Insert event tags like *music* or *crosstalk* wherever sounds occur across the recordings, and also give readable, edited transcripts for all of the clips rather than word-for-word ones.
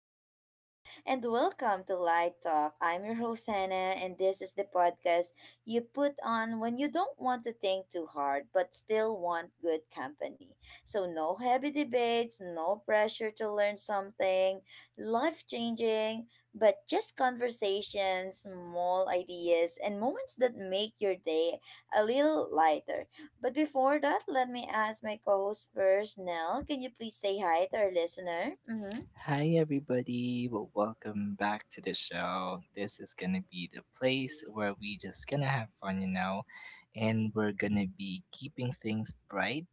with Nell. And welcome to Light Talk. I'm your host Hannah, and this is the podcast you put on when you don't want to think too hard but still want good company. So no heavy debates, no pressure to learn something, life changing, but just conversations, small ideas, and moments that make your day a little lighter. But before that, let me ask my co-host first, Nell. Can you please say hi to our listener? Mm-hmm. Hi, everybody. Well, welcome back to the show. This is going to be the place where we just going to have fun, you know, and we're going to be keeping things bright,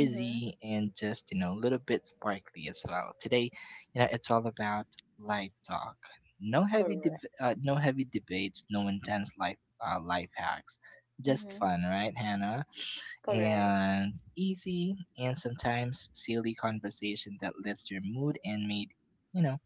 Mm-hmm. and just, you know, a little bit sparkly as well. Today, you know, it's all about light talk. Correct. No heavy debates, no intense life, life hacks. Just Mm-hmm. fun, right, Hannah? Correct. And easy and sometimes silly conversation that lifts your mood and made, you know,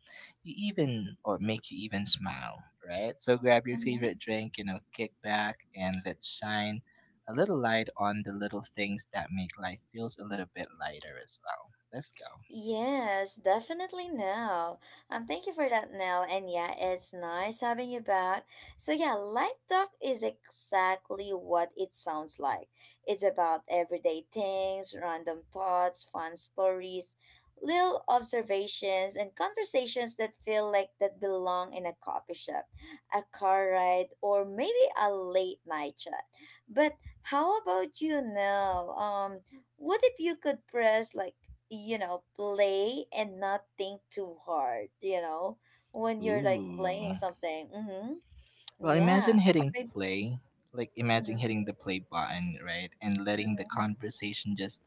you even, or make you even smile, right? So grab your Mm-hmm. favorite drink, you know, kick back, and let's shine a little light on the little things that make life feels a little bit lighter as well. Let's go. Yes, definitely Nell. Thank you for that, Nell. And yeah, it's nice having you back. So yeah, Light Talk is exactly what it sounds like. It's about everyday things, random thoughts, fun stories, little observations, and conversations that feel like that belong in a coffee shop, a car ride, or maybe a late night chat. But how about you, Nell? What if you could press like play and not think too hard, when you're like Ooh. playing something. Mm-hmm. Well, Yeah. imagine Or hitting maybe, play, like imagine mm-hmm, hitting the play button, right? And letting the mm-hmm, conversation just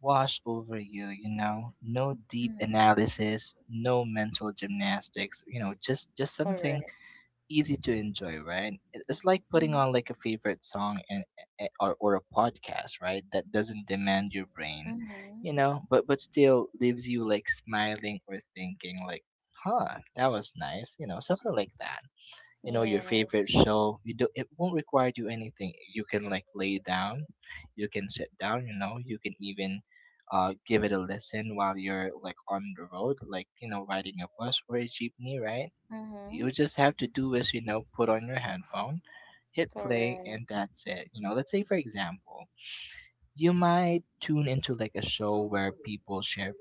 wash over you, you know? No deep mm-hmm. analysis, no mental gymnastics, you know, just something Correct. easy to enjoy, right? It's like putting Mm-hmm. on like a favorite song and or a podcast, right? That doesn't demand your brain, Mm-hmm. you know, but still leaves you like smiling or thinking like, "Huh, that was nice," you know, something like that. You know, your favorite Yes. show, you do, it won't require you anything. You can like lay down, you can sit down, you know, you can even give it a listen while you're like on the road, like, you know, riding a bus or a jeepney, right? Mm-hmm. You just have to do is, you know, put on your headphone, hit play, Correct. and that's it. You know, let's say for example, you might tune into like a show where people share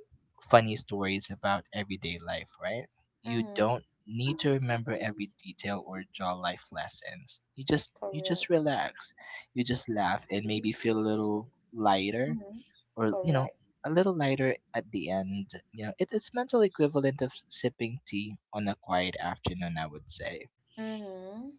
funny stories about everyday life, right? You Mm-hmm. don't need to remember every detail or draw life lessons. You just you Correct. just relax. You just laugh and maybe feel a little lighter, Mm-hmm. or you know, Correct. a little lighter at the end. You know, it, it's mental equivalent of sipping tea on a quiet afternoon, I would say. Mm-hmm.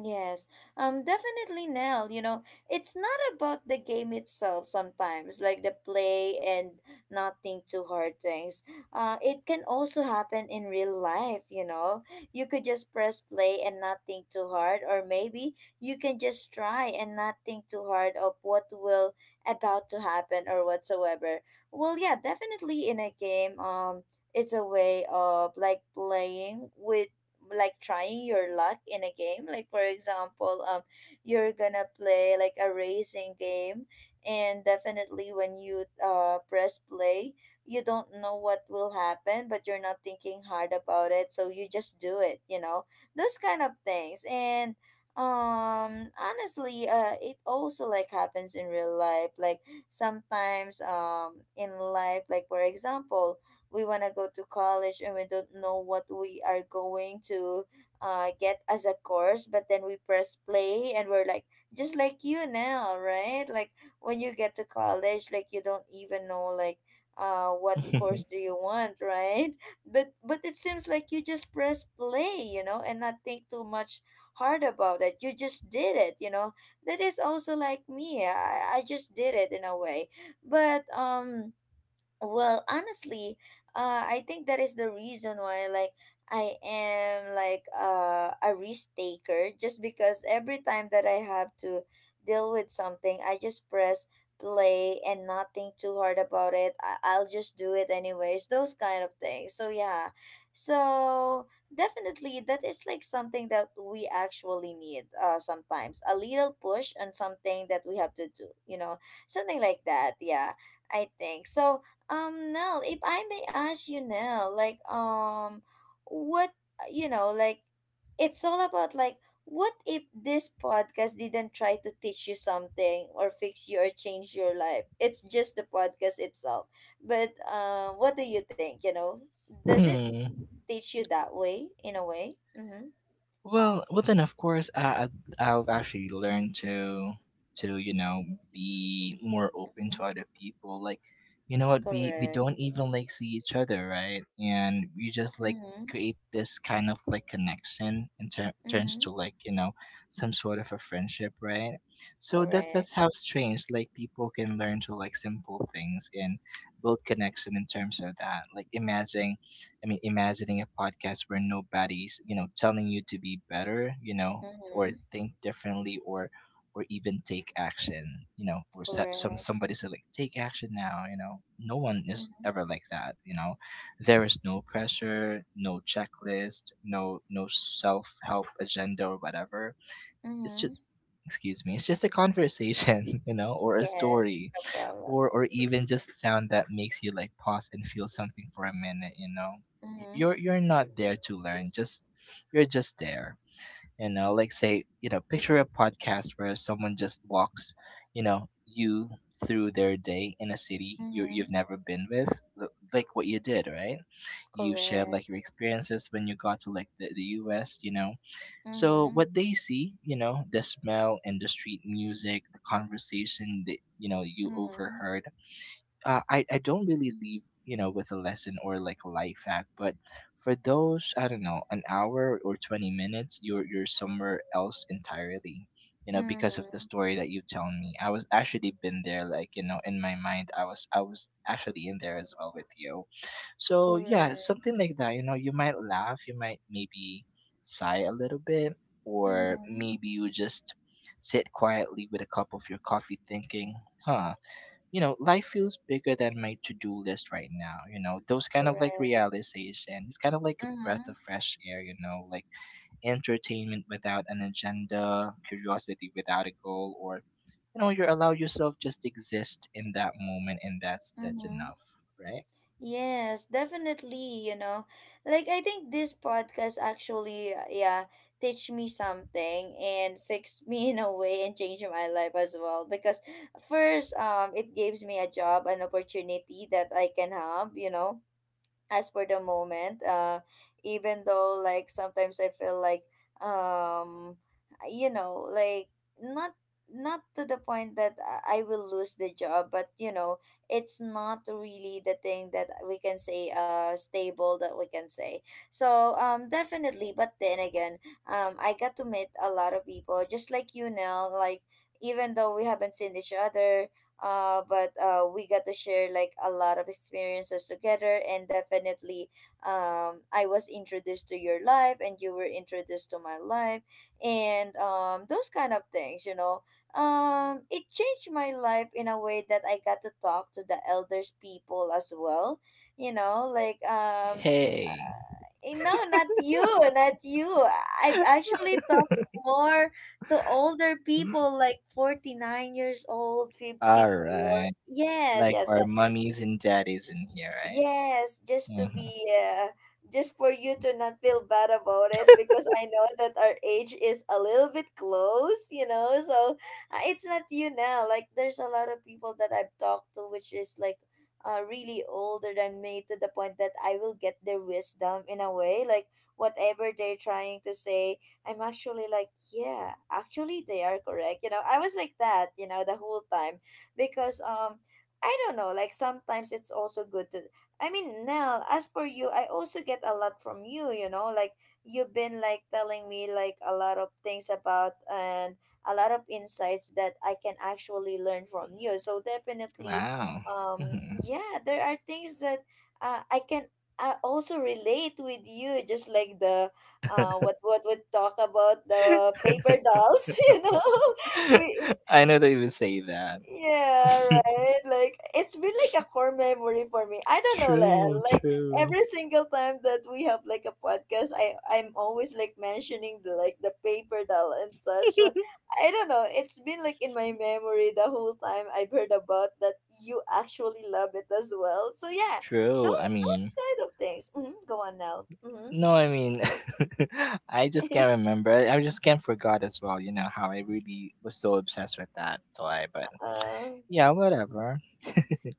Yes, definitely, Nell. You know, it's not about the game itself sometimes, like the play and not think too hard things. It can also happen in real life, you know. You could just press play and not think too hard, or maybe you can just try and not think too hard of what will about to happen or whatsoever. Well, yeah, definitely in a game, it's a way of like playing with like trying your luck in a game like for example you're gonna play like a racing game, and definitely when you press play, you don't know what will happen, but you're not thinking hard about it, so you just do it, you know, those kind of things. And honestly, it also like happens in real life. Like sometimes, in life, like for example, we want to go to college and we don't know what we are going to get as a course, but then we press play and we're like just like you now, right? Like when you get to college, like you don't even know like what course do *laughs* you want, right? But it seems like you just press play, you know, and not think too much hard about it, you just did it, you know. That is also like me. I just did it in a way. But well, honestly, I think that is the reason why, like, I am like a risk taker. Just because every time that I have to deal with something, I just press play and not think too hard about it. I'll just do it anyways. Those kind of things. So yeah, so definitely that is like something that we actually need. Sometimes a little push on something that we have to do. You know, something like that. Yeah, I think so. Nell, if I may ask you, Nell, like, what, you know, like, it's all about, like, what if this podcast didn't try to teach you something or fix you or change your life? It's just the podcast itself. But, what do you think, you know? Does it Hmm. teach you that way, in a way? Mm-hmm. Well, well then of course I I've actually learned to, you know, be more open to other people. Like, you know what, we Correct. don't even like see each other, right? And we just like Mm-hmm. create this kind of like connection and turns Mm-hmm. to, like, you know, some sort of a friendship, right? So Correct. that's how strange like people can learn to like simple things and build connection in terms of that. Like imagine, imagining a podcast where nobody's, you know, telling you to be better, you know, or Mm-hmm. think differently, or even take action, you know, or set Correct. somebody said like take action now, you know. No one is Mm-hmm. ever like that, you know. There is no pressure, no checklist, no self-help agenda or whatever. It's Mm-hmm. just, excuse me, it's just a conversation, *laughs* you know, or a Yes, story, no problem. Or even just sound that makes you like pause and feel something for a minute, you know. Y- Mm-hmm. you're you're not there to learn, just you're just there. You know, like, say, you know, picture a podcast where someone just walks, you know, you through their day in a city you you've Mhm. never been with, like what you did, right? You shared Correct. like your experiences when you got to like the US, you know, so Mhm. what they see, you know, the smell and the street music, the conversation that, you know, you Mhm. overheard. I don't really leave you know with a lesson or like a life hack, but for those I don't know an hour or 20 minutes, you're somewhere else entirely. You know, because of the Mhm. story that you tell me, I was actually been there. Like, you know, in my mind, I was actually in there as well with you. So yeah, Correct. something like that. You know, you might laugh, you might maybe sigh a little bit, or Mhm. maybe you just sit quietly with a cup of your coffee, thinking, "Huh, you know, life feels bigger than my to-do list right now." You know, those kind of like Correct. realization, it's kind of like a breath Mhm. of fresh air, you know, like entertainment without an agenda, curiosity without a goal, or, you know, you allow yourself just exist in that moment, and that's Mhm. enough, right? Yes, definitely, you know. Like I think this podcast actually yeah, teach me something and fix *laughs* me in a way and change my life as well, because first, it gives me a job, an opportunity that I can have, you know, as for the moment. Even though like sometimes I feel like, um you know, like not, to the point that I will lose the job, but you know, it's not really the thing that we can say stable, that we can say. So definitely. But then again, I got to meet a lot of people just like you now. Like even though we haven't seen each other, but we got to share like a lot of experiences together. And definitely, I was introduced to your life and you were introduced to my life, and those kind of things, you know. It changed my life in a way that I got to talk to the elders people as well, you know, like, Hey. eh, no, not you, not you. I've actually talked more to older people like 49 years old, All 54. right. Yes, Like yes, our mummies and daddies in here, yes, just to be, right? uh, just for you to not feel bad about it, because I know that our age is a little bit close, you know. So it's not you now. Like there's a lot of people that I've talked to which is like really older than me, to the point that I will get their wisdom in a way. Like whatever they're trying to say, I'm actually like, yeah, actually they are correct. You know, I was like that, you know, the whole time, because I don't know, like sometimes it's also good to, I mean, Nell, as for you, I also get a lot from you, you know, like you've been like telling me like a lot of things about and a lot of insights that I can actually learn from you. So Hmm, definitely, wow. Hmm. yeah, there are things that I can also relate with you, just like the what would talk about the paper dolls, *laughs* you know, *laughs* we *laughs* I know they would say that. yeah, right. Like it's been like a core memory for me. I *laughs* don't know, Len. True, Like true. every single time that we have like a podcast, I'm always like mentioning the like the paper doll and such. *laughs* I don't know. It's been like in my memory the whole time I've heard about that you actually love it as well. So yeah, those True. I mean, kind of things. Hmm. Go on now. Mm-hmm. no, I mean, *laughs* I just can't remember. I just can't forget as well, you know, how I really was so obsessed with that toy. But *laughs* uh, yeah, whatever.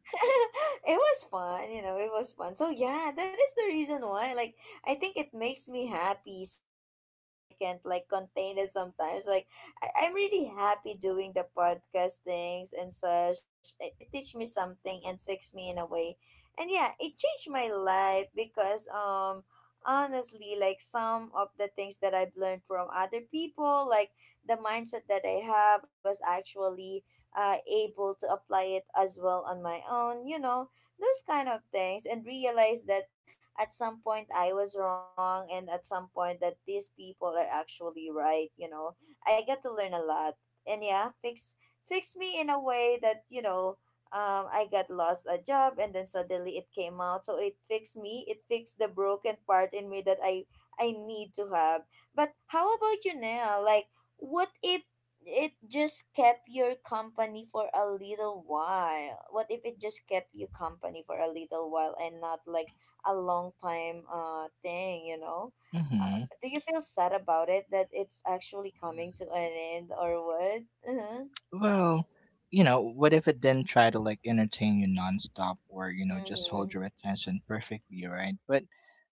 *laughs* it was fun, you know, it was fun. So yeah, that is the reason why. Like I think it makes me happy so much that I can't like contain it sometimes. Like I'm really happy doing the podcast things and such. It teach me something and fix me in a way. And yeah, it changed my life because honestly like some of the things that I've learned from other people, like the mindset that I have, I was actually able to apply it as well on my own, you know, those kind of things, and realize that at some point I was wrong and at some point that these people are actually right, you know. I got to learn a lot. And yeah, fix me in a way that you know, I got lost a job and then suddenly it came out. So it fixed me. It fixed the broken part in me that I need to have. But how about you now? Like, what if it just kept your company for a little while what if it just kept you company for a little while and not like a long time thing, you know. Hmm. Do you feel sad about it that it's actually coming to an end or what? Uh-huh. Well, you know, what if it didn't try to like entertain you nonstop, or, you know, just hold Mm-hmm. your attention perfectly, right?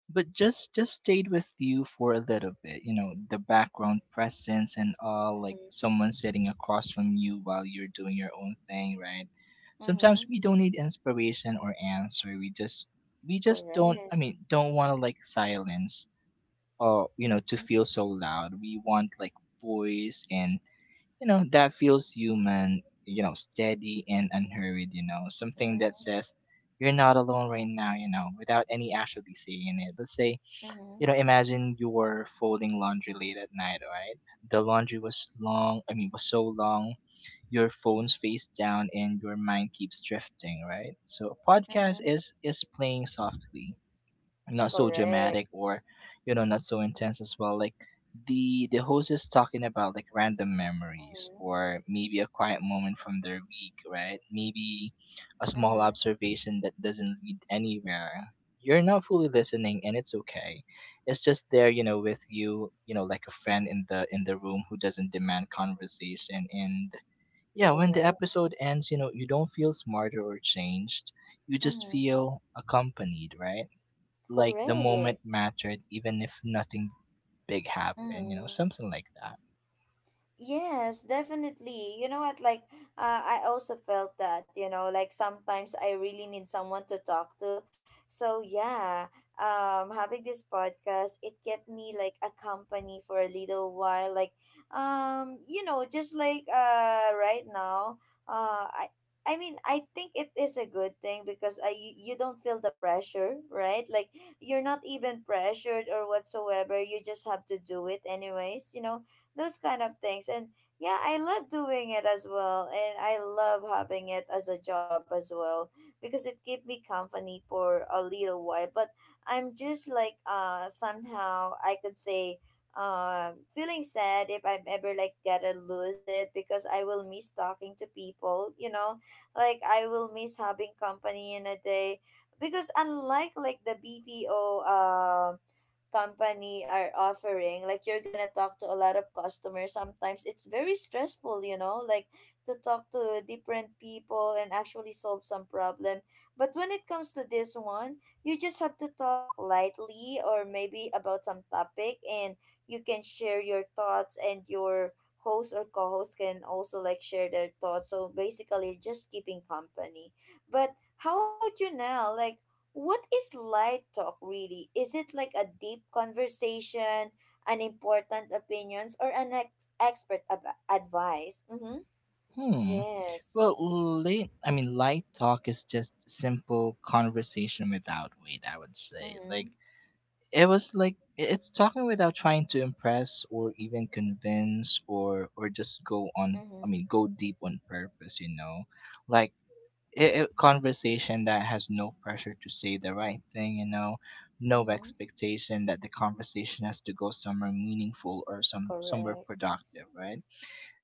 But just stayed with you for a little bit, you know, the background presence and all, like Mm-hmm. someone sitting across from you while you're doing your own thing, right? Sometimes Mm-hmm. we don't need inspiration or answer, we just, we just don't Correct. I mean don't want to like silence, or you know, to feel Mm-hmm. so loud. We want like voice, and you know, that feels human, you know, steady and unhurried, you know, something that Mm-hmm. says you're not alone right now, you know, without any actually saying it. Let's say, Mm-hmm. you know, imagine you were folding laundry late at night, right? The laundry was long, I mean, was so long, your phone's face down and your mind keeps drifting, right? So a podcast Mm-hmm. is playing softly, not so Correct. dramatic, or you know, not so intense as well. Like, the host is talking about like random memories, Mm-hmm. or maybe a quiet moment from their week, right? Maybe a small Mm-hmm. observation that doesn't lead anywhere. You're not fully listening, and it's okay. It's just there, you know, with you, you know, like a friend in the room who doesn't demand conversation. And yeah, when the Correct. episode ends, you know, you don't feel smarter or changed, you just Mm-hmm. feel accompanied, right? Like the moment Correct. mattered even if nothing big happened, you know, Mm-hmm. something like that. Yes, definitely. You know what? Like, I also felt that, you know, like sometimes I really need someone to talk to. So, yeah, having this podcast, it kept me like a company for a little while. Like, you know, just like right now, uh, I. I mean, I think it is a good thing because I you don't feel the pressure, right? Like you're not even pressured or whatsoever. You just have to do it anyways, you know, those kind of things. And yeah, I love doing it as well, and I love having it as a job as well because it keep me company for a little while. But I'm just like somehow I could say feeling sad if I'm ever like got to lose it, because I will miss talking to people, you know, like I will miss having company in a day. Because unlike like the BPO company are offering, like you're gonna talk to a lot of customers. Sometimes it's very stressful, you know, like to talk to different people and actually solve some problem. But when it comes to this one, you just have to talk lightly or maybe about some topic, and you can share your thoughts and your host or co-host can also like share their thoughts, so basically just keeping company. But how about you now? Like what is light talk really? Is it like a deep conversation, an important opinions, or an expert advice? Mm-hmm. Hmm. Yes. Light talk is just simple conversation without weight, I would say. Mm-hmm. Like, it was like, it's talking without trying to impress, or even convince, or just go on, I Mm-hmm. mean, go deep on purpose, you know? Like, conversation that has no pressure to say the right thing, you know, no Mm-hmm. expectation that the conversation has to go somewhere meaningful or somewhere Correct. productive, right?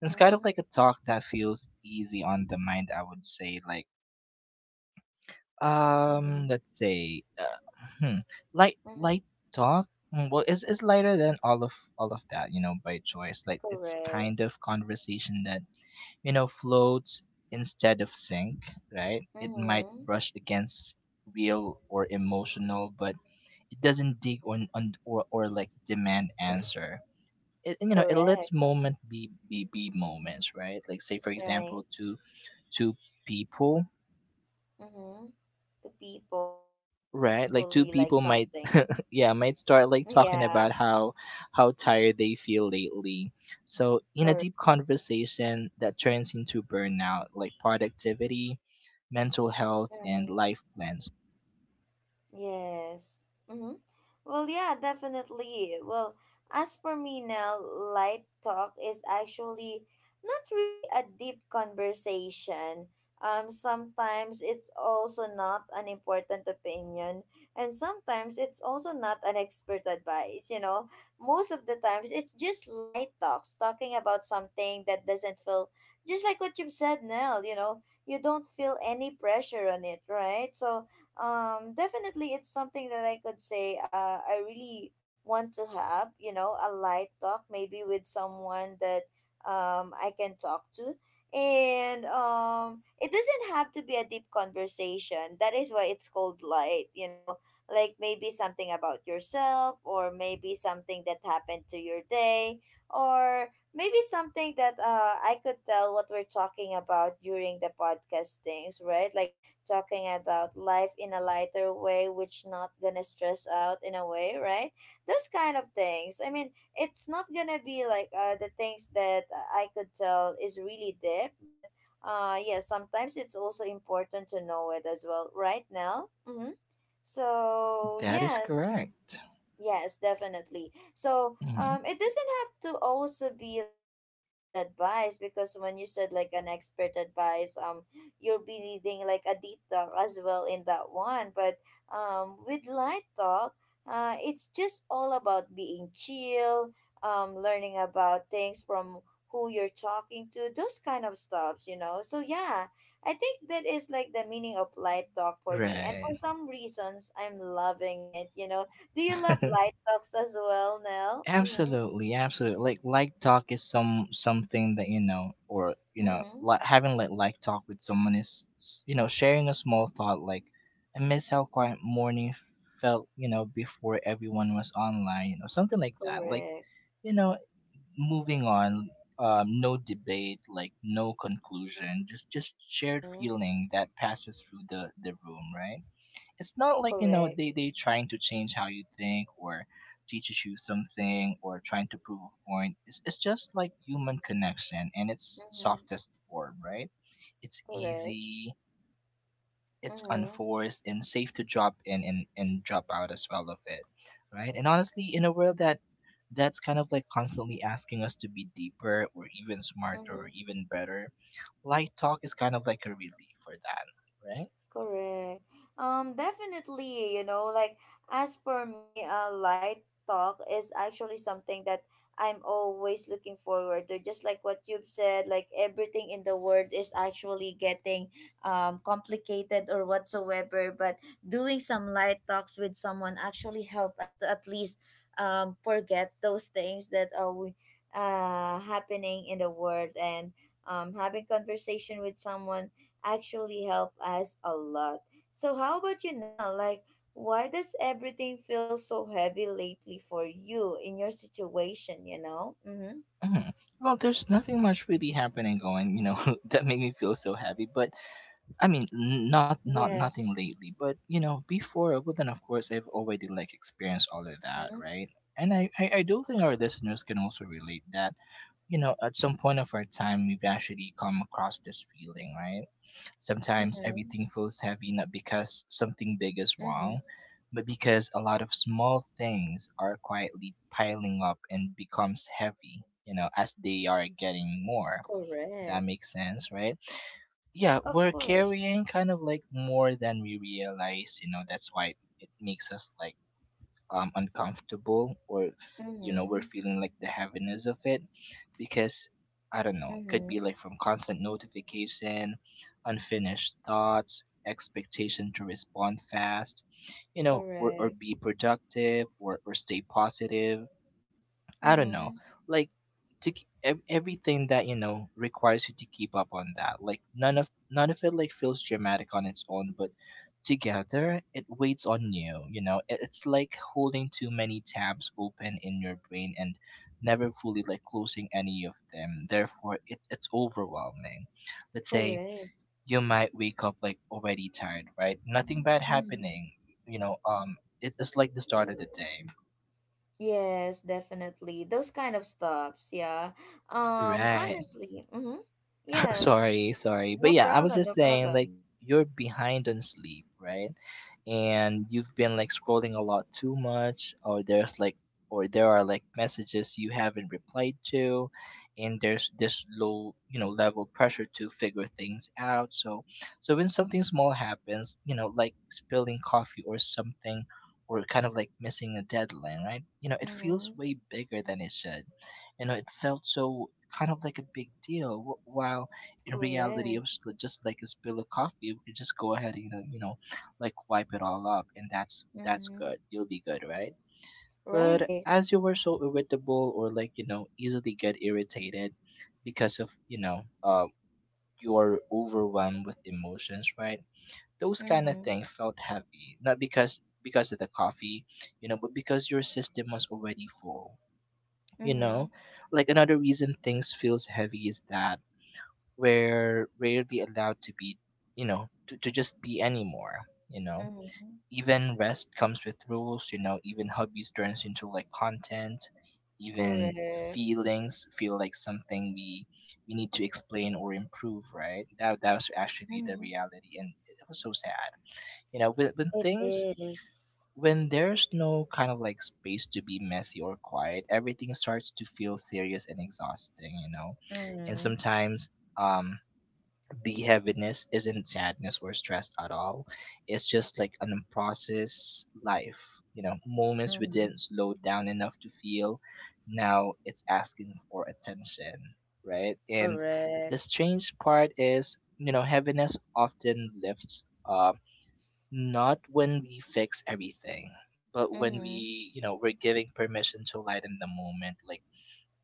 It's kind of like a talk that feels easy on the mind, I would say. Like, Mm-hmm. let's say, light light Mm-hmm. talk. Mm, well it's lighter than all of that, you know, by choice. Like it's Correct. kind of conversation that, you know, floats instead of sink, right? It might Mm-hmm. brush against real or emotional, but it doesn't dig on or like demand answer. It, you know, it Correct. lets moment be moments, right? Like say for Right. example two two people, Mm-hmm. The people, it's right? Like actually two like people might, something. *laughs* yeah, might start *laughs* like talking Yeah. about how tired they feel lately, so in a Correct. deep conversation that turns into burnout, like productivity, mental health, and Mm-hmm. life plans. Yes. Mm-hmm. Well, yeah, definitely. Well, as for me now, light talk is actually not really a deep conversation. Sometimes it's also not an important opinion, and sometimes it's also not an expert advice. You know, most of the times it's just light talks, talking about something that doesn't feel just like what you've said now. You know, you don't feel any pressure on it, right? So, definitely it's something that I could say I really want to have, you know, a light talk maybe with someone that I can talk to. And it doesn't have to be a deep conversation. That is why it's called light, you know, like maybe something about yourself, or maybe something that happened to your day, or maybe something that I could tell what we're talking about during the podcast things, right? Like talking about life in a lighter way, which not gonna stress out in a way, right? Those kind of things. I mean, it's not gonna be like the things that I could tell is really deep. But yeah, sometimes it's also important to know it as well right now. Mm-hmm. So That is yes. correct. Yes, definitely. So, Mhm. It doesn't have to also be like an expert advice, because when you said like an expert advice, you'll be needing like a deep talk as well in that one. But with light talk, it's just all about being chill, learning about things from who you're talking to, those kind of stuffs, you know. So yeah, I think that is like the meaning of light talk for me, and for Right. some reasons, I'm loving it. You know, do you love *laughs* light talks as well, Nell? Mm-hmm. Absolutely, absolutely. Like talk is something that, you know, or you know, Mm-hmm. like having like talk with someone is, you know, sharing a small thought. Like, I miss how quiet morning felt, you know, before everyone was online, you know, something like that. Like, Correct. you know, moving on. No debate, like no conclusion, just shared Mm-hmm. feeling that passes through the room, right? It's not like, you know, Correct. they trying to change how you think, or teaches you something, or trying to prove a point. It's just like human connection, and its Mm-hmm. softest form, right? It's Correct. easy, it's Mm-hmm. unforced, and safe to drop in, and drop out as well of it, right? And honestly, in a world that, that's kind of like constantly asking us to be deeper, or even smarter, or Mm-hmm. even better, light talk is kind of like a relief for that, right? Correct. Definitely, you know, like as per me, light talk is actually something that I'm always looking forward to. Just like what you've said, like everything in the world is actually getting complicated or whatsoever, but doing some light talks with someone actually help us to at least forget those things that are we happening in the world. And having conversation with someone actually help us a lot. So how about you now? Like why does everything feel so heavy lately for you in your situation, you know? Mhm. Mhm. Well, there's nothing much really happening going, you know, *laughs* that make me feel so happy. But I mean, not nothing Yes. lately. But you know, before, but then of course, I've already like experienced all of that, Mhm. right? And I, I do think our listeners can also relate that, you know, at some point of our time, we've actually come across this feeling, right? Sometimes Mhm. everything feels heavy, not because something big is Mhm. wrong, but because a lot of small things are quietly piling up and becomes heavy, you know, as they are getting more. That Correct. makes sense, right? Mhm. Yeah, Of we're course. carrying kind of like more than we realize, you know, that's why it makes us like uncomfortable or you know, we're Mhm. feeling like the heaviness of it because I don't know, it could Mhm. be like from constant notification, unfinished thoughts, expectation to respond fast, you know, or Correct. be productive or stay positive. I don't know, Mhm. like everything that you know requires you to keep up on that. Like none of it like feels dramatic on its own, but together it weighs on you. You know, it's like holding too many tabs open in your brain and never fully like closing any of them. Therefore, it's overwhelming. Let's say Correct. you might wake up like already tired, right? Nothing bad Mhm. happening. You know, it's like the start of the day. Yes, definitely. Those kind of stops, yeah. Right. Honestly. Mhm. *laughs* Yes. Sorry. But No yeah, I was problem, just no saying like problem. you're behind on sleep, right? And you've been like scrolling a lot too much, or there's like, or there are like messages you haven't replied to, and there's this low, you know, level pressure to figure things out. So when something small happens, you know, like spilling coffee or something, or kind of like missing a deadline, right? You know, it feels Mm-hmm. way bigger than it should. You know, it felt so kind of like a big deal while in reality, it Correct. was just like a spill of coffee. We could just go ahead and you know, like wipe it all up, and that's Mm-hmm. good. You'll be good, right? But Right. as you were so irritable or like, you know, easily get irritated because of, you know, you are overwhelmed with emotions, right? Those kind of Mm-hmm. things felt heavy, not because of the coffee, you know, but because your system was already full, you Mm-hmm. know. Like another reason things feels heavy is that we're rarely allowed to be, you know, to just be anymore, you know. Mm-hmm. Even rest comes with rules, you know, even hobbies turns into like content, even Correct. feelings feel like something we need to explain or improve, right? That was actually the Mm-hmm. reality, and it was so sad. You know, when It things, is. when there's no kind of like space to be messy or quiet, everything starts to feel serious and exhausting, you know. And Mm-hmm. sometimes um the heaviness isn't sadness or stress at all. It's just like an unprocessed life. You know, moments we Mm-hmm. didn't slow down enough to feel. Now it's asking for attention, right? And the Correct. strange part is, you know, heaviness often lifts up not when we fix everything, but when Mm-hmm. we, you know, we're giving permission to lighten the moment, like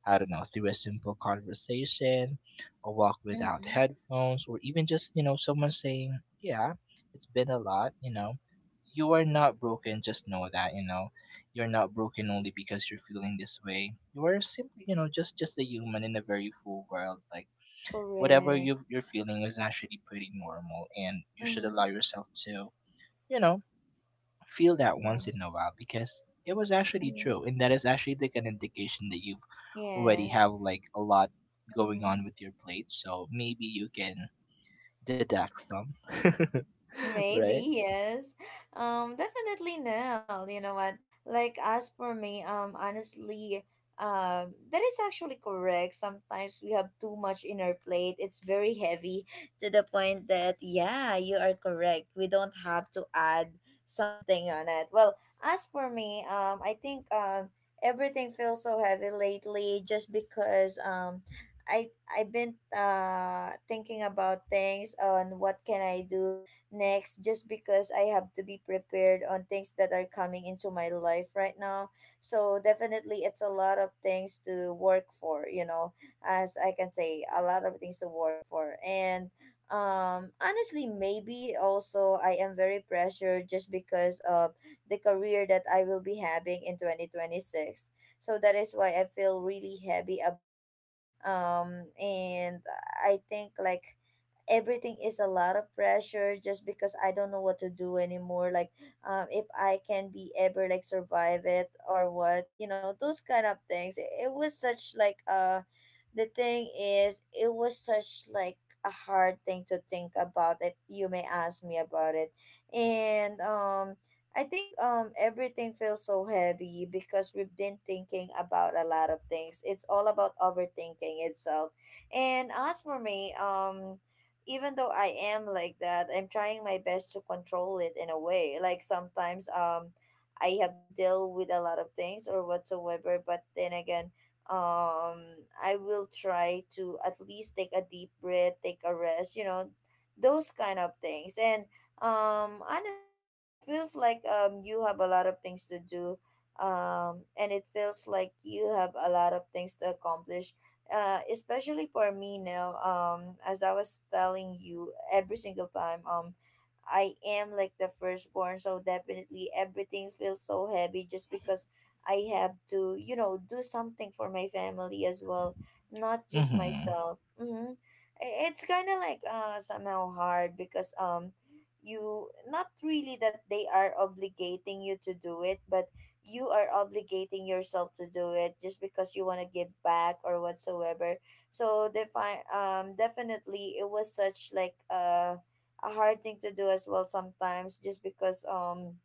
I don't know, through a simple conversation, a walk without Mm-hmm. headphones, or even just, you know, someone saying, "Yeah, it's been a lot," you know. You are not broken, just know that, you know. You're not broken only because you're feeling this way. You are simply, you know, just a human in a very full world. Like whatever Correct. you're feeling is actually pretty normal, and you should allow Mm-hmm. yourself to, you know, feel that once in Yes. a while because it was actually Mm-hmm. true, and that is actually like an indication that you've already have Yes. like a lot going Mm-hmm. on with your plate, so maybe you can deduct some. *laughs* Right. Maybe, yes. Definitely no. You know what? Like as for me, honestly, that is actually correct. Sometimes we have too much in our plate. It's very heavy to the point that, yeah, you are correct. We don't have to add something on it. Well, as for me, I think everything feels so heavy lately just because um, I've been thinking about things on what can I do next, just because I have to be prepared on things that are coming into my life right now. So definitely it's a lot of things to work for, you know, as I can say, a lot of things to work for. And honestly maybe also I am very pressured just because of the career that I will be having in 2026. So that is why I feel really heavy about it. And I think like everything is a lot of pressure just because I don't know what to do anymore. Like, if I can be ever like survive it or what, you know, those kind of things. It was such like a the thing is, it was such like a hard thing to think about if you may ask me about it. And I think everything feels so heavy because we've been thinking about a lot of things. It's all about overthinking itself. And as for me, even though I am like that, I'm trying my best to control it in a way. Like sometimes, I have to deal with a lot of things or whatsoever, but then again, um I will try to at least take a deep breath, take a rest, you know, those kind of things. And honestly it feels like you have a lot of things to do, and it feels like you have a lot of things to accomplish, especially for me now, as I was telling you every single time. I am like the firstborn, so definitely everything feels so heavy just because I have to, you know, do something for my family as well, not just Mm-hmm. myself. Mm-hmm. It's kind of like somehow hard, because you not really that they are obligating you to do it, but you are obligating yourself to do it just because you want to give back or whatsoever. So definitely it was such like a hard thing to do as well sometimes, just because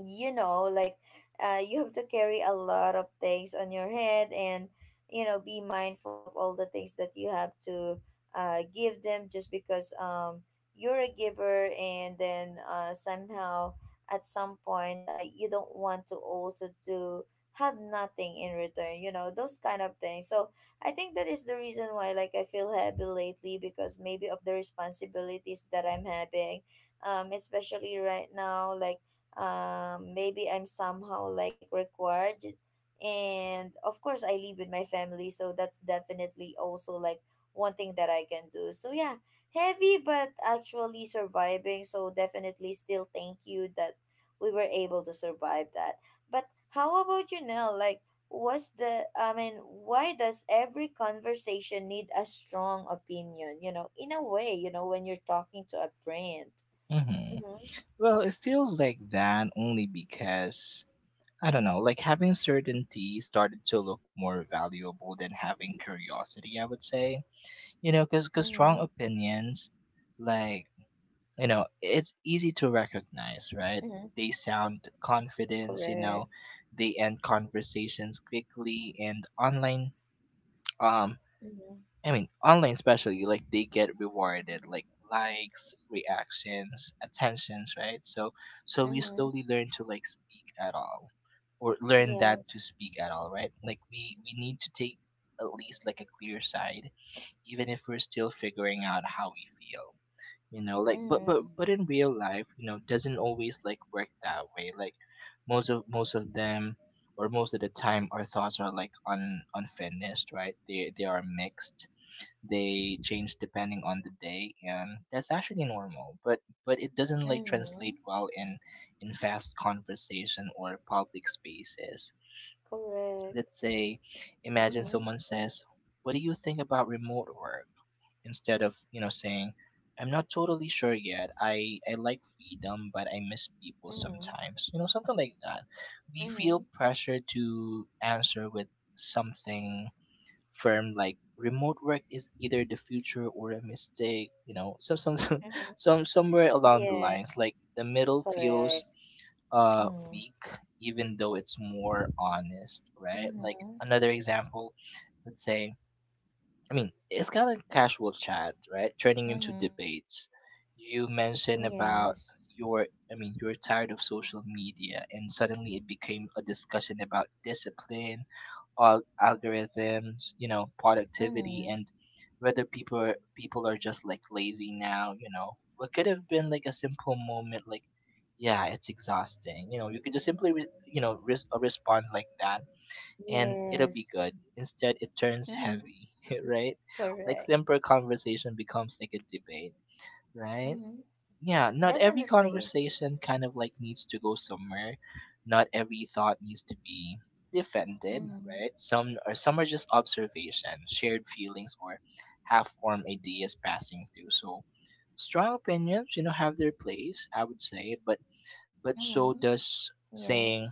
you know, like you have to carry a lot of things on your head and, you know, be mindful of all the things that you have to give them, just because you're a giver, and then somehow at some point you don't want to also to have nothing in return, you know, those kind of things. So I think that is the reason why like I feel heavy lately, because maybe of the responsibilities that I'm having. Especially right now, like maybe I'm somehow like required. And of course, I live with my family, so that's definitely also like one thing that I can do. So yeah, heavy, but actually surviving. So definitely still thank you that we were able to survive that. But how about you now? Like, was the, I mean, why does every conversation need a strong opinion? You know, in a way, you know, when you're talking to a friend. Mm-hmm. Mm-hmm. Well, it feels like that only because I don't know, like having certainty started to look more valuable than having curiosity, I would say, you know, because Mm-hmm. strong opinions, like, you know, it's easy to Mm-hmm. recognize, right? They sound confident, Correct. you know, they end conversations quickly, and online, um Mm-hmm. I mean online especially, like they get rewarded, like likes, reactions, attentions, right? So we Mm-hmm. slowly learn to like speak at all, or learn that Yes. to speak at all, right? Like we need to take at least like a clear side, even if we're still figuring out how we feel, you know, like but Mm-hmm. but but in real life, you know, doesn't always like work that way, like most of them, or most of the time our thoughts are like un unfinished, right? They are mixed, they change depending on the day, and that's actually normal, but it doesn't like Mm-hmm. translate well in fast conversation or public spaces. Correct. Let's say, imagine Mm-hmm. someone says, "What do you think about remote work?" Instead of, you know, saying, "I'm not totally sure yet, I like freedom but I miss people Mm-hmm. sometimes," you know, something like that, we Mm-hmm. feel pressure to answer with something firm, like remote work is either the future or a mistake, you know. So, some Mm-hmm. *laughs* Somewhere along the Yeah. lines, like the middle Correct. feels Mm-hmm. weak, even though it's more honest, right? Like Mm-hmm. another example, let's say, I mean, it's kind of casual chat, right? Turning into Mm-hmm. debates. You mentioned about Yes. your, I mean, you're tired of social media, and suddenly it became a discussion about discipline, algorithms, you know, productivity, Mm-hmm. and whether people are just like lazy now. You know, what could have been like a simple moment, like, yeah, it's exhausting. You know, you could just simply, you know, respond like that, and it'll be Yes. good. Instead, it turns *laughs* heavy, *laughs* right? Like Correct. simple conversation becomes like a debate, right? Mm-hmm. Yeah, not every Definitely. conversation kind of like needs to go somewhere. Not every thought needs to be defended, Mm-hmm. right? Some, or some are just observation, shared feelings, or half-formed ideas passing through. So strong opinions, you know, have their place, I would say, but so Mm-hmm. does saying, Yes.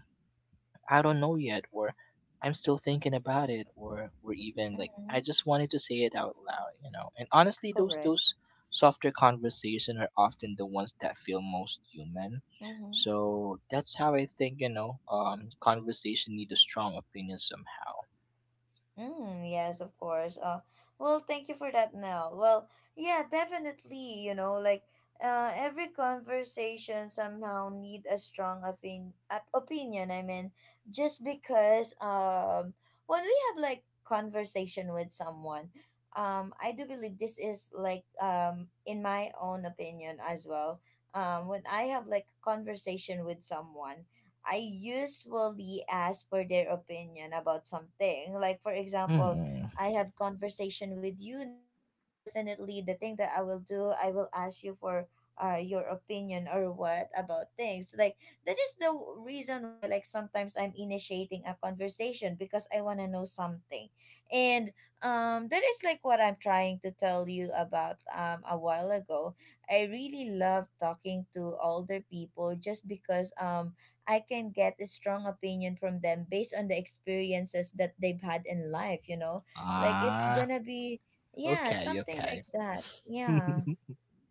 "I don't know yet," or "I'm still thinking about it," or even like "I Mm-hmm. just wanted to say it out loud," you know. And honestly, Correct. those softer conversations are often the ones that feel most human. Mm-hmm. So that's how I think, you know, conversation need a strong opinion somehow. Mm, yes, of course. Well, thank you for that, Nell. Well, yeah, definitely. You know, like every conversation somehow need a strong opinion. I mean, just because when we have like conversation with someone, I do believe this is like in my own opinion as well. When I have like conversation with someone, I usually ask for their opinion about something. Like for example, Hmm. I have conversation with you now. Definitely, the thing that I will do, I will ask you for your opinion or what about things. Like that is the reason why like sometimes I'm initiating a conversation because I want to know something, and that is like what I'm trying to tell you about a while ago. I really love talking to older people just because I can get a strong opinion from them based on the experiences that they've had in life, you know? Like it's Ah. gonna be, yeah, Okay. something Okay. like that. *laughs* No, Yeah.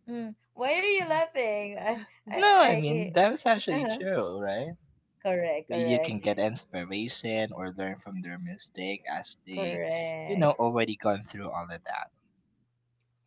Mm. Why are you laughing? *laughs* I I, mean that was I, actually uh, true, right? correct, You can get inspiration or learn from their mistake as they you know correct. already gone through all of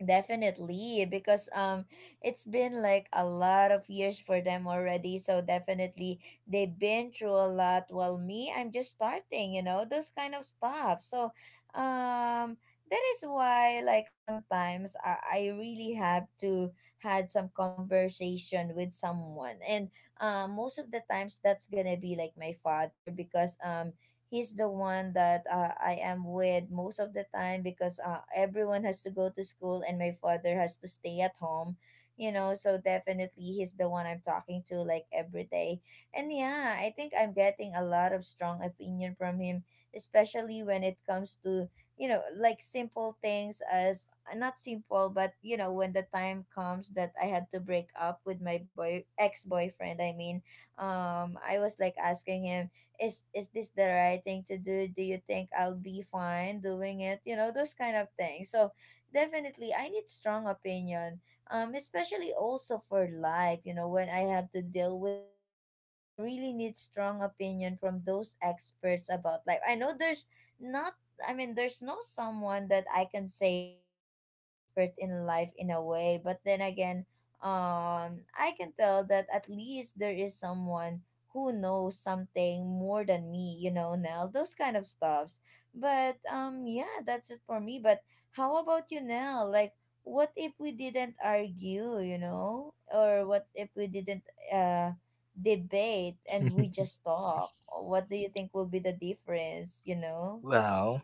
Definitely, because it's been like a lot of years for them already. So definitely, they've been through a lot. While me, I'm just starting. You know those kind of stuff. So, um, that is why like sometimes I really have to had some conversation with someone, and most of the times that's gonna be like my father, because he's the one that I am with most of the time, because everyone has to go to school and my father has to stay at home, you know. So definitely he's the one I'm talking to like every day. And yeah, I think I'm getting a lot of strong opinion from him, especially when it comes to, you know, like simple things as not simple, but you know, when the time comes that I had to break up with my boy ex boyfriend, I mean, I was like asking him, is this the right thing to do? Do you think I'll be fine doing it? You know, those kind of things. So definitely I need strong opinion, especially also for life, you know, when I have to deal with life. I really need strong opinion from those experts about life. I know there's not, I mean, there's no someone that I can say really expert in life in a way, but then again, I can tell that at least there is someone who knows something more than me, you know, Nell, those kind of stuffs. But yeah, that's it for me. But how about you, Nell? Like, what if we didn't argue, you know? Or what if we didn't uh debate and we that. just talk? What do you think will be the difference, you *laughs* know? Well,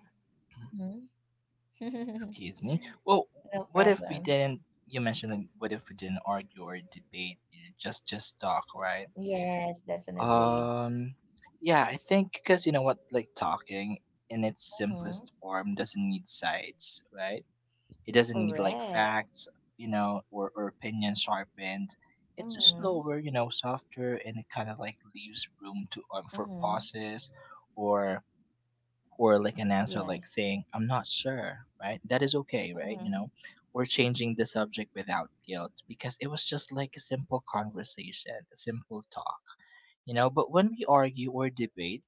Mhm. *laughs* excuse me, well, No what if we problem. didn't, you mentioned like, what if we didn't argue or debate, you just talk, right? Yes, definitely. um yeah, I think because you know what, like talking in its Mm-hmm. simplest form doesn't need sides, right? It doesn't need like Correct. facts, you know, or opinions sharpened. It's just Mm-hmm. slower, you know, softer, and it kind of like leaves room to for Mm-hmm. pauses, or or like an answer like Yes. saying "I'm not sure," right? That is okay, right? You Mm-hmm. know, or changing the subject without guilt because it was just like a simple conversation, a simple talk, you know. But when we argue or debate,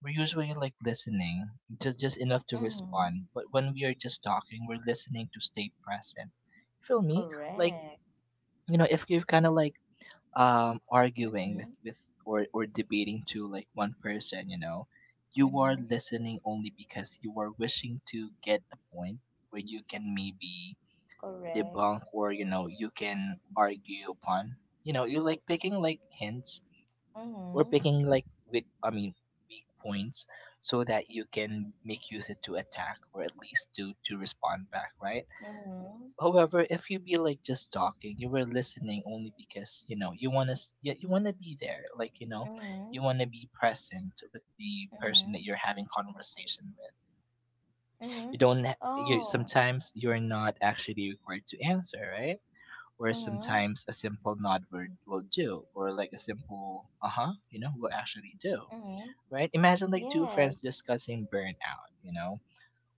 we're usually like listening just enough to Mm-hmm. respond, but when we are just talking, we're listening to stay present, feel me? Like, Correct. you know, if you're kind of like arguing with Mm-hmm. with or debating to like one person, you know, you are Mm-hmm. listening only because you are wishing to get a point where you can maybe Correct. debunk, or you know, you can argue upon, you know, you're like picking like hints or Mm-hmm. picking like weak, I mean, weak points, so that you can make use it to attack, or at least to respond back, right? Mm-hmm. However, if you be like just talking, you were listening only because you know you want to, you want to be there, like, you know, Mm-hmm. you want to be present with the person Mm-hmm. that you're having conversation with. Mm-hmm. You don't ha- You Oh. sometimes you're not actually required to answer, right? Or Mm-hmm. sometimes a simple nod word will do, or like a simple uh-huh, you know, will actually do. Mm-hmm. Right? Imagine like two friends Yes. discussing burnout, you know?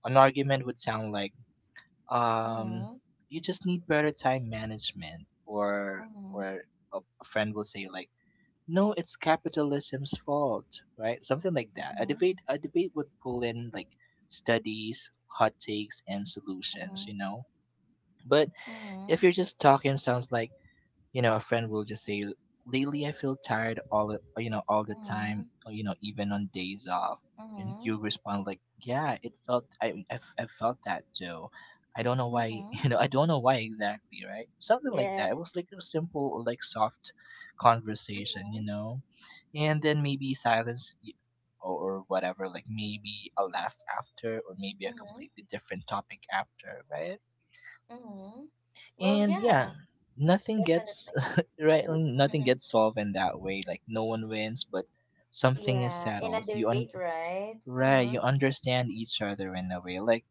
An argument would sound like, um, Mm-hmm. you just need better time management, Mm-hmm. or a friend will say like, "No, it's capitalism's fault," right? Something like that. A Mm-hmm. debate a debate would pull in like studies, hot takes and solutions, Mm-hmm. you know? But if Mm-hmm. you're just talking sounds like you know a friend will just say lately I feel tired all the all the Mm-hmm. time or, you know even on days off. And you Mm-hmm. respond like, yeah, it felt I felt that too. I don't know why. Mm-hmm. *laughs* You know, I don't know why exactly, right? Something like Yeah. that. It was like a simple like soft conversation, Mm-hmm. you know. And then maybe silence or whatever, like maybe a laugh after or maybe a Mm-hmm. completely different topic after, right? Mm-hmm. Well, And yeah, yeah, nothing gets definitely. *laughs* right, nothing Mm-hmm. gets solved in that way. Like no one wins, but something is Yeah, in a settled, so debate, right? right, Uh-huh. you understand each other in a way. Like,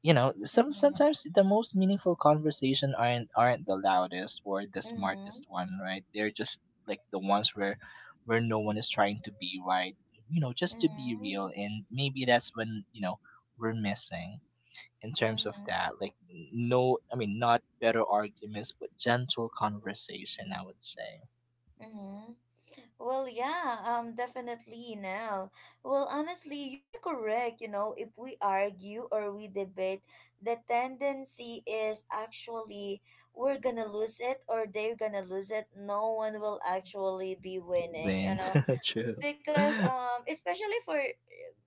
you know, some Mm-hmm. sometimes the most meaningful conversation aren't the loudest or the Mm-hmm. smartest one, right? They're just like the ones where no one is trying to be right, you know, just to be real. And maybe that's when, you know, we're missing in terms of Mm-hmm. that. Like no, I mean not better arguments, but gentle conversation, I would say. Mm-hmm. Well, yeah, definitely, Nell. Well, honestly, you are correct. You know, if we argue or we debate, the tendency is actually we're gonna lose it or they're gonna lose it. No one will actually be winning, you Win. know, *laughs* True. because especially for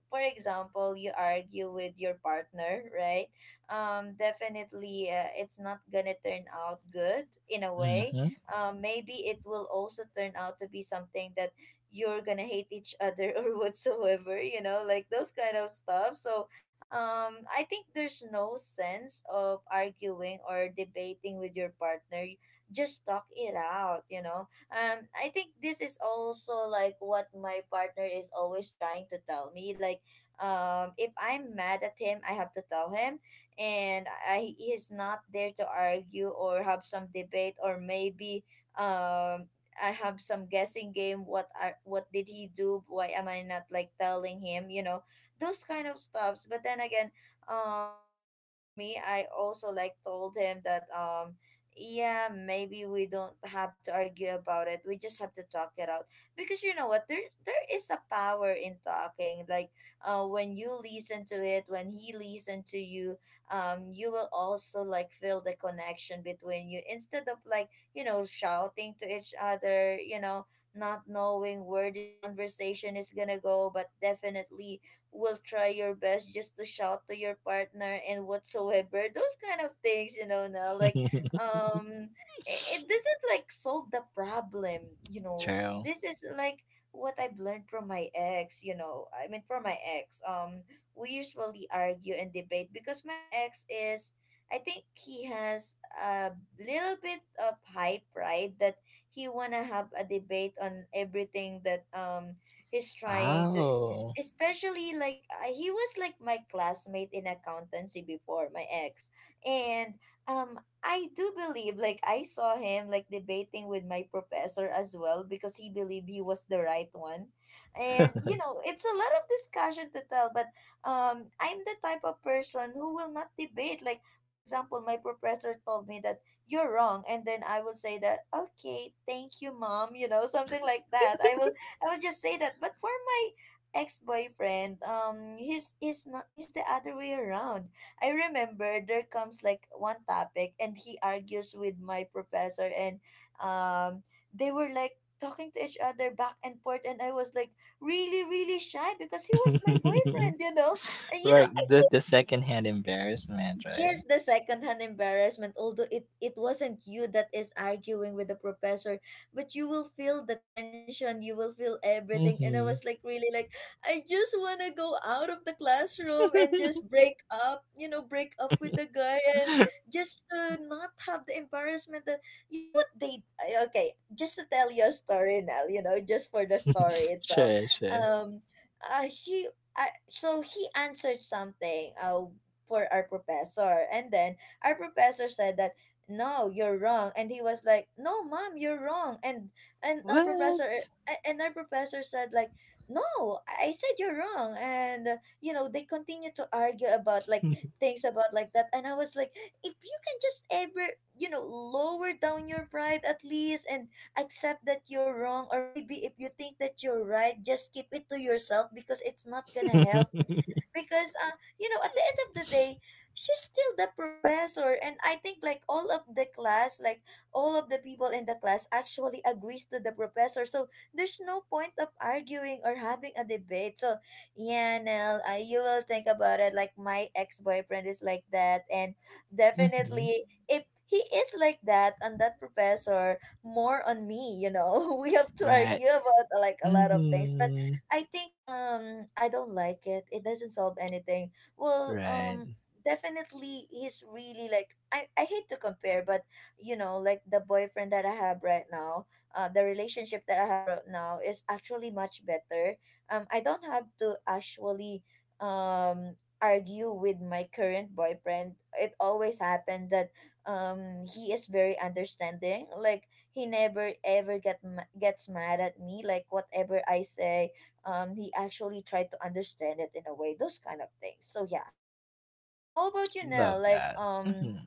for example, you argue with your partner, right? Definitely it's not gonna turn out good in a way. Mm-hmm. Maybe it will also turn out to be something that you're gonna hate each other *laughs* or whatsoever, you know, like those kind of stuff. So I think there's no sense of arguing or debating with your partner. Just talk it out, you know. I think this is also like what my partner is always trying to tell me, like, if I'm mad at him, I have to tell him. And I he's not there to argue or have some debate or maybe um I have some guessing game, what did he do, why am I not like telling him, you know, those kind of stuffs. But then again, as for me, I also like told him that yeah, maybe we don't have to argue about it. We just have to talk it out because you know what, there is a power in talking, like when you listen to it, when he listen to you, you will also like feel the connection between you instead of like, you know, shouting to each other, you know, not knowing where this conversation is gonna go, but definitely will try your best just to shout to your partner and whatsoever *laughs* those kind of things, you know, now like um it *laughs* doesn't like solve the problem, you know. True. This is like what I've learned from my ex, you know, I mean from my ex, we usually argue and debate because my ex is, I think he has a little bit of high pride that he wanna have a debate on everything that he's trying to, Oh. especially like he was like my classmate in accountancy before my ex. And um I do believe, like, I saw him, like, debating with my professor as well because he believed he was the right one. And, *laughs* you know, it's a lot of discussion to tell, but I'm the type of person who will not debate. Like, for example, my professor told me that you're wrong. And then I will say that, okay, thank you, mom, you know, *laughs* something like that. I will just say that. But for my ex-boyfriend, he's not, he's the other way around. I remember there comes like one topic and he argues with my professor, and um they were like talking to each other back and forth, and I was like really really shy because he was my boyfriend, you know. And you know, Right. The secondhand embarrassment, right? yes, the secondhand embarrassment, although it wasn't you that is arguing with the professor, but you will feel the tension, you will feel everything. And I was Mm-hmm. like, really, like, I just want to go out of the classroom and just break up, you know, break up with the guy and *laughs* just to not have the embarrassment that, you know what, they, I- okay, just to tell you a story now, you know, just for the story itself. Sure, sure. Um, he, I, so he answered something. For our professor. And then our professor said that no, you're wrong. And he was like, no, mom, you're wrong. And our professor What? And our professor said like, no, I said you're wrong. And you know, they continue to argue about like *laughs* things about like that. And I was like, if you can just ever, you know, lower down your pride at least and accept that you're wrong or maybe if you think that you're right, just keep it to yourself because it's not gonna help, Mm-hmm. because you know, at the end of the day, she's still the professor, and I think like all of the class, like all of the people in the class actually agrees to the professor. So there's no point of arguing or having a debate. So yeah, Nell, you will think about it, like my ex-boyfriend is like that, and definitely if he is like that on that professor, more on me, you know, *laughs* we have to Right. argue about like a lot of things but. Mm-hmm. I think I don't like it. It doesn't solve anything. Well, Right. Definitely he's really like, I hate to compare, but you know, like the boyfriend that I have right now, the relationship that I have right now is actually much better. I don't have to actually um argue with my current boyfriend. It always happened that he is very understanding. Like he never ever get ma- gets mad at me, like whatever I say, he actually tried to understand it in a way, those kind of things. So yeah, um how about you now, Love like, that. Mhm.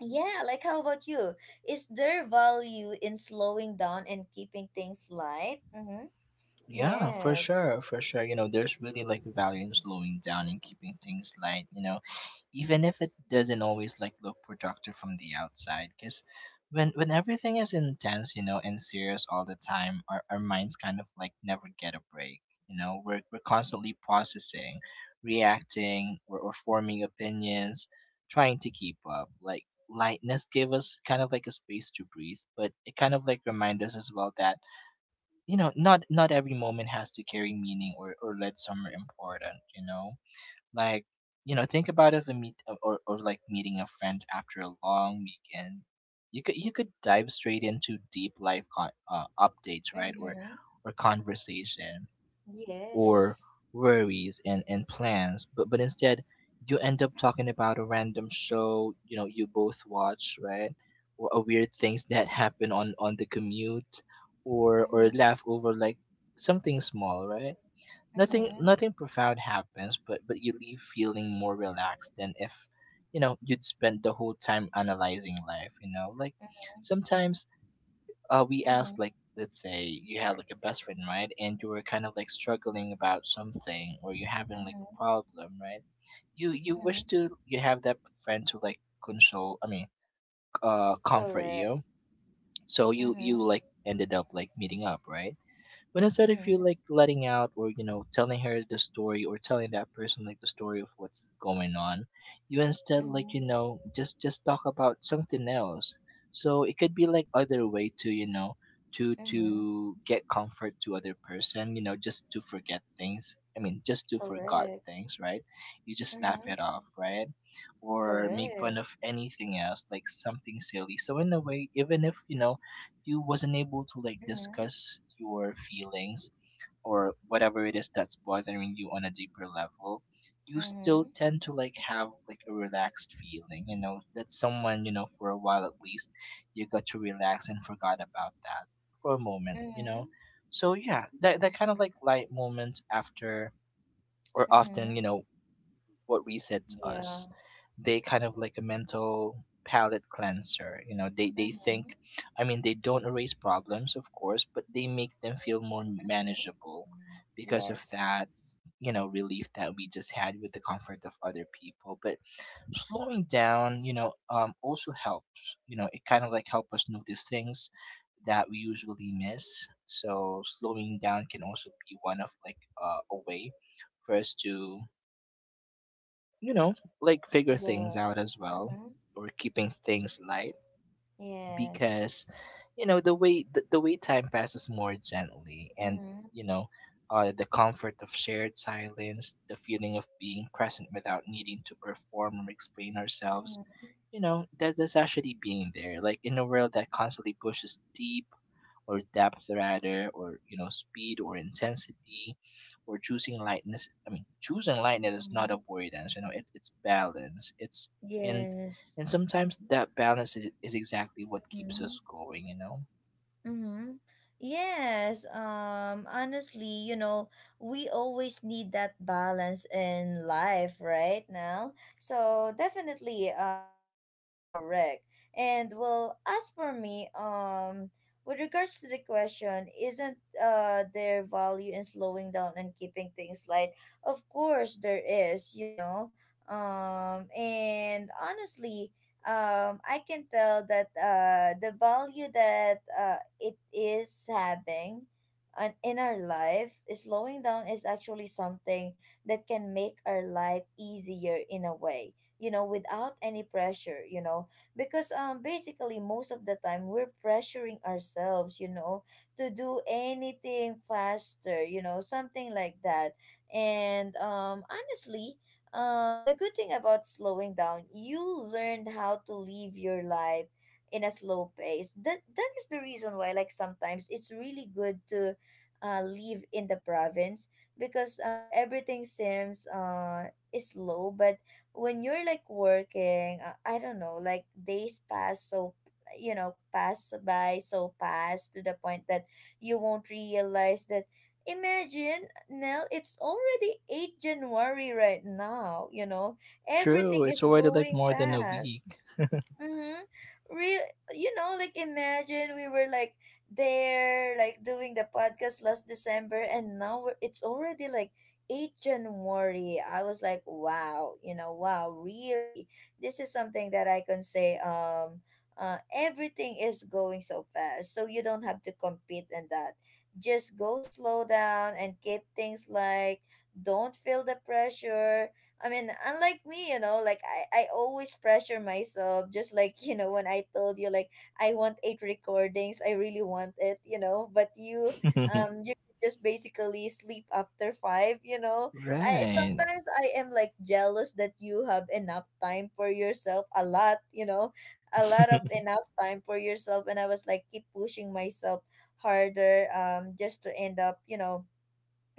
yeah, like how about you, is there value in slowing down and keeping things light? Mm-hmm. Yeah, for Yes. sure, for sure. You know, there's really like value in slowing down and keeping things light, you know, even if it doesn't always like look productive from the outside. Because when everything is intense, you know, and serious all the time, our minds kind of like never get a break. You know, we're constantly processing, reacting, or forming opinions, trying to keep up. Like lightness gave us kind of like a space to breathe, but it kind of like remind us as well that, you know, not every moment has to carry meaning or lead somewhere important, you know. Like, you know, think about if a meet or like meeting a friend after a long weekend. You could dive straight into deep life updates, right? or Mm-hmm. or conversation or Yes. worries and plans, but instead you end up talking about a random show, you know, you both watch, right? Or a weird things that *laughs* happen on the commute, or Mm-hmm. laugh over like something small, right? Nothing, Mm-hmm. nothing profound happens, but you leave feeling more relaxed than if, you know, you'd spent the whole time analyzing life, you know. Like, sometimes we Mm-hmm. Mm-hmm. asked like, let's say you had like a best friend, right? And you were kind of like struggling about something or you're having like a Mm-hmm. problem, right? You Mm-hmm. wish to you have that friend to like console I mean comfort Correct. you. So you Mm-hmm. like ended up like meeting up, right? When instead said, I Mm-hmm. feel like letting out or, you know, telling her the story or telling that person like the story of what's going on, you instead like, you Mm-hmm. know, just talk about something else. So it could be like other way to, you know, to Mm-hmm. to get comfort to other person, you know, just to forget things. I mean, just to forgot Correct. things, right? You just laugh Mm-hmm. it off, right? Or make fun Correct. of anything else, like something silly. So in a way, even if, you know, you wasn't able to like Mm-hmm. discuss your feelings or whatever it is that's bothering you on a deeper level, you still Mm-hmm. tend to like have like a relaxed feeling, you know, that someone you know for a while at least, you got to relax and forgot about that for a moment, you Mm-hmm. know. So yeah, that, that kind of like light moment after or Mm-hmm. often, you know, what resets Yeah. us. They kind of like a mental palate cleanser. You know, they think, Mm-hmm. I mean, they don't erase problems, of course, but they make them feel more Mm-hmm. manageable because of that. Yes. You know, relief that we just had with the comfort of other people, but slowing down, you know, also helps. You know, it kind of like help us notice things that we usually miss. So slowing down can also be one of like a way for us to, you know, like figure things Yes. out as well Mm-hmm. or keeping things light. Yes. Because, you know, the way the way time passes more gently, and, Mm-hmm. you know, the comfort of shared silence, the feeling of being present without needing to perform or explain ourselves, you know, that, that's actually being there like in a world that constantly pushes deep or depth rather, or, you know, speed or intensity, or choosing lightness is not Mm-hmm. avoidance. You know, it, it's balance, it's and Yes. and sometimes that balance is exactly what keeps Mm-hmm. us going, you know. Mm-hmm. Yes, honestly, you know, we always need that balance in life right now. So definitely, that is actually correct. And well, as for me, with regards to the question, isn't there value in slowing down and keeping things light? Of course there is, you know. And honestly, I can tell that the value that it is having on, in our life, slowing down is actually something that can make our life easier in a way, you know, without any pressure, you know, because basically most of the time we're pressuring ourselves, you know, to do anything faster, you know, something like that. And honestly, the good thing about slowing down, you learned how to live your life in a slow pace. That is the reason why, like sometimes it's really good to live in the province because everything seems is slow. But when you're like working, I don't know, like days pass so, you know, pass by so fast, to the point that you won't realize that. Imagine, Nell, it's already 8 January right now, you know. True, Everything it's is already like going more than a fast. week. Mm-hmm. Real, you know, like imagine we were like there, like doing the podcast last December, and now we're, it's already like 8 January. I was like, wow, you know, wow, really. This is something that I can say, everything is going so fast, so you don't have to compete in that. Just go slow down and keep things like, don't feel the pressure. I mean, unlike me, you know, like I always pressure myself, just like, *laughs* you know, when I told you like I want 8 recordings, I really want it, you know. But you *laughs* um you just basically sleep after five, you know. I Right. sometimes I am like jealous that you have enough time for yourself, a lot, you know, a lot of *laughs* enough time for yourself, and I was like keep pushing myself harder, just to end up, you know,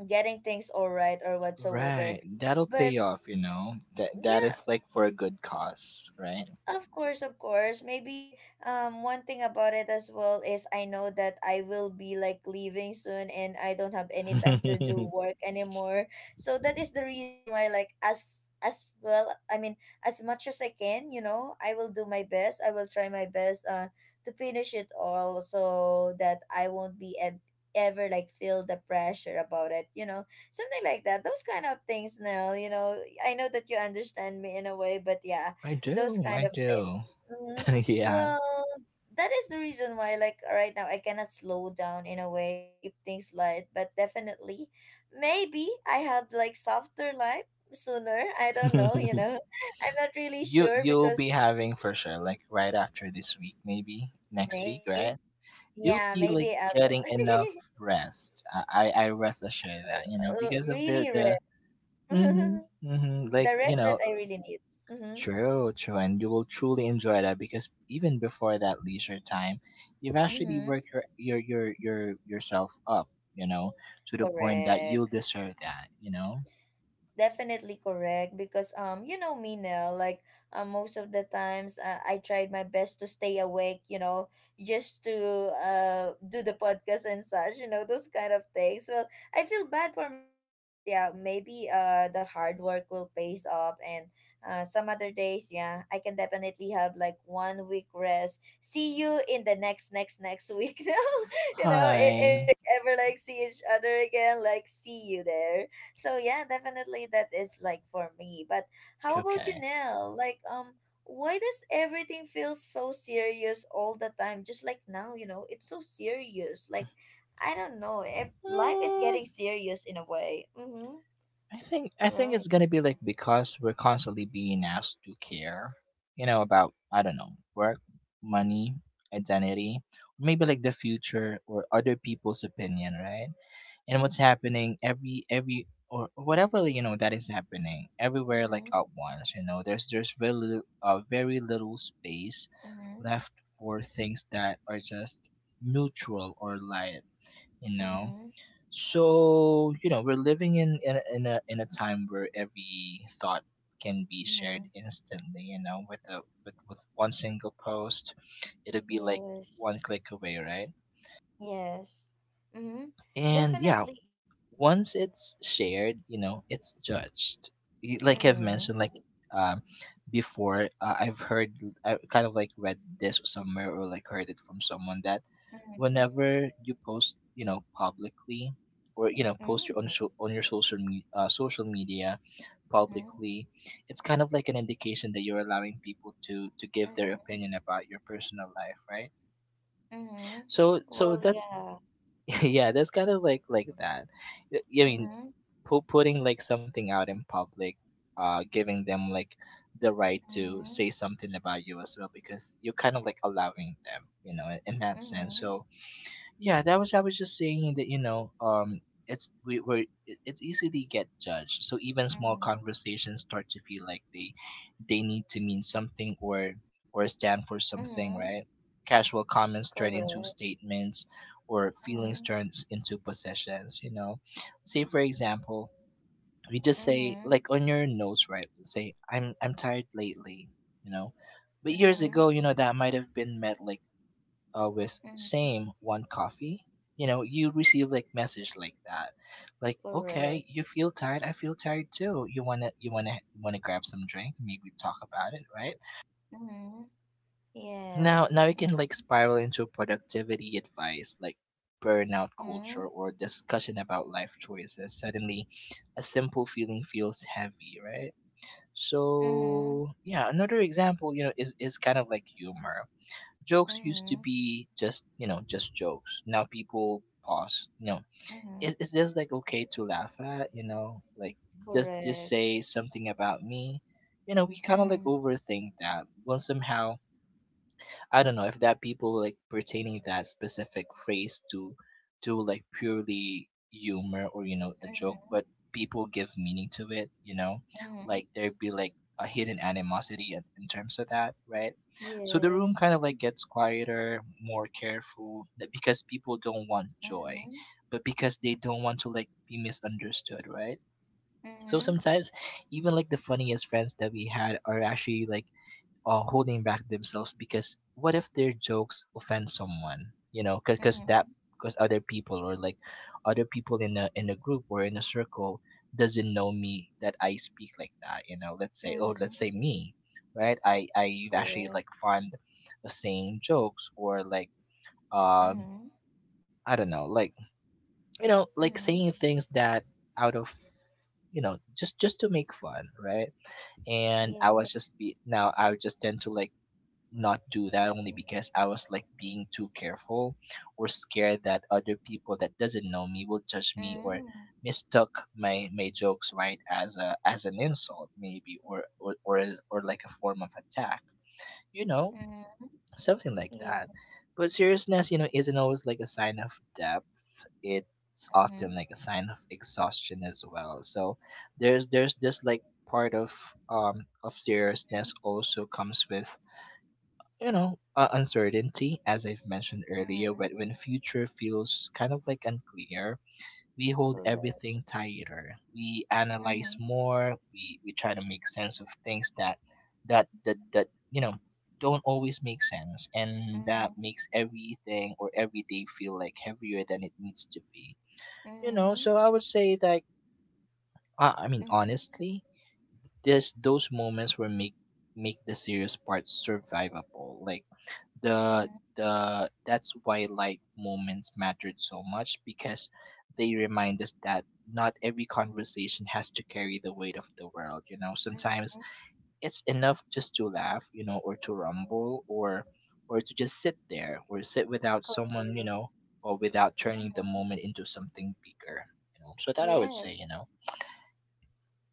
getting things all right or whatsoever. Right. That'll But pay off, you know. That is yeah, like for a good cause, right? of course, of course. Maybe one thing about it as well is I know that I will be like leaving soon and I don't have any time to do *laughs* work anymore. So that is the reason why like, as well, I mean, as much as I can, you know, I will do my best. I will try my best to finish it all so that I won't be ev- ever like feel the pressure about it, you know. Something like that. Those kind of things, Nell, you know. I know that you understand me in a way, but yeah, I those do, kind I of do. things. *laughs* Yeah. Well, that is the reason why, like right now, I cannot slow down in a way and keep things light. But definitely, maybe I have like softer life sooner. I *laughs* don't know. You You know, *laughs* I'm not really sure you'll be because having for sure, like right after this week, maybe next week, right? maybe, You'll yeah, be maybe like I will getting enough *laughs* rest. I rest assured that, you know, because of the really the rest. *laughs* mm-hmm, The mm-hmm, like, you rest that know, I really need. Mm-hmm. true, true, and you will truly enjoy that because even before that leisure time, you've actually Mm-hmm. worked your yourself up, you know, to the point that you'll Correct. deserve that, you know. Definitely correct because you know me now, like most of the times, I tried my best to stay awake, you know, just to do the podcast and such, you know, those kind of things. Well, I feel bad for my body, but yeah, maybe the hard work will pays off, and some other days, yeah, I can definitely have like one week rest. See you in the next week. *laughs* Now, you know, if Hi. we ever like see each other again, like, see you there. So yeah, definitely that is like for me. But how about you, Okay. Nell? Like, why does everything feel so serious all the time? Just like now, you know, it's so serious. Like, I don't know. Life is Mm, getting serious in a way. Mm-hmm. I think it's Right. gonna be like because we're constantly being asked to care, you know, about I don't know, work, money, identity, maybe like the future or other people's opinion, right? And what's happening every or whatever you know that is happening everywhere like Mm-hmm. at once, you know. There's very little space Mm-hmm. left for things that are just neutral or light, you know. Mm-hmm. So, you know, we're living in a time where every thought can be Mm-hmm. shared instantly. You know, with a with one single post, it'll be like Yes. one click away, right? Yes. Mm-hmm. And yeah, Definitely. once it's shared, you know, it's judged. Like I've Mm-hmm. mentioned, like um, before, I've heard, I kind of like read this somewhere or like heard it from someone that Mm-hmm. whenever you post, you know, publicly or, you know, post your on Mm-hmm. your social media publicly, it's kind of like an indication that you're allowing people to give their Mm-hmm. opinion about your personal life, right? Mm-hmm. So so Well, that's yeah. *laughs* yeah, that's kind of like that. I mean, Mm-hmm. Putting like something out in public, giving them like the right to Mhm, say something about you as well because you're kind of like allowing them, you know, in that sense. mhm, So yeah, that was I was just saying that, you know, it's we were it's easy to get judged, so even small mhm, conversations start to feel like they need to mean something or stand for something, mhm. right? Casual comments turn into Correct. statements or feelings Mhm, turns into possessions, you know. Say for example, we just say mhm, like on your nose, right? Let's say I'm tired lately, you know. But years mhm, ago, you know, that might have been met like with mhm. same one coffee. You know, you receive like message like that, like, okay, Correct. you feel tired, I feel tired too. You want to want to grab some drink, maybe talk about it, right? Mhm. now Yes. now it can like spiral into productivity advice like burnout culture Mhm, or discussion about life choices. Suddenly a simple feeling feels heavy, right? mhm, So yeah, another example, you know, is kind of like humor. Jokes used to mhm, be just, you know, just jokes. Now people pause. You know, mhm. is this like okay to laugh at? You know, like, does this Correct. say something about me? You know, we kind of like Mhm, overthink that. Well, somehow I don't know if that people like pertaining that specific phrase to like purely humor or, you know, a joke, mhm, but people give meaning to it. You know, mhm. like there'd be like a hidden animosity in terms of that, right? So the room kind Yes. of like gets quieter, more careful, because people don't want joy, Mhm, but because they don't want to like be misunderstood, right? So mhm, sometimes even like the funniest friends that we had are actually like holding back themselves because what if their jokes offend someone, you know, because mhm, that because other people or like other people in a group or in a circle doesn't know me that I speak like that, you know. Let's say, oh, let's mhm. say me, right? I actually like Correct. find the same jokes or like um Mhm, I don't know, like, you know, like mhm. saying things that out of, you know, just to make fun, right? And I Yeah. was just be, now I would just tend to like not do that only Mhm, because I was like being too careful or scared that other people that doesn't know me will judge me or mhm, mistook my jokes, right, as a as an insult maybe or or like a form of attack, you know, mhm. something like Yeah. that. But seriousness, you know, isn't always like a sign of depth. It's often Mhm, like a sign of exhaustion as well. So there's this like part of mhm, seriousness also comes with, you know, uncertainty. As I've mentioned earlier, when, mhm. when future feels kind of like unclear, we hold Correct. everything tighter, we analyze Hmm. more, we try to make sense of things that you know don't always make sense. And that makes Mm-hmm. everything or every day feel like heavier than it needs to be, you know. Mm-hmm. So I would say that I mean, Mm-hmm. honestly, this those moments were make the serious part survivable. Like the the that's why light moments mattered so much because they remind us that not every conversation has to carry the weight of the world, you know. Sometimes Mm-hmm. it's enough just to laugh, you know, or to rumble, or to just sit there or sit without someone, you Correct. know, or without turning the Mm-hmm. moment into something bigger, you know. So that I would say, you Yes. know,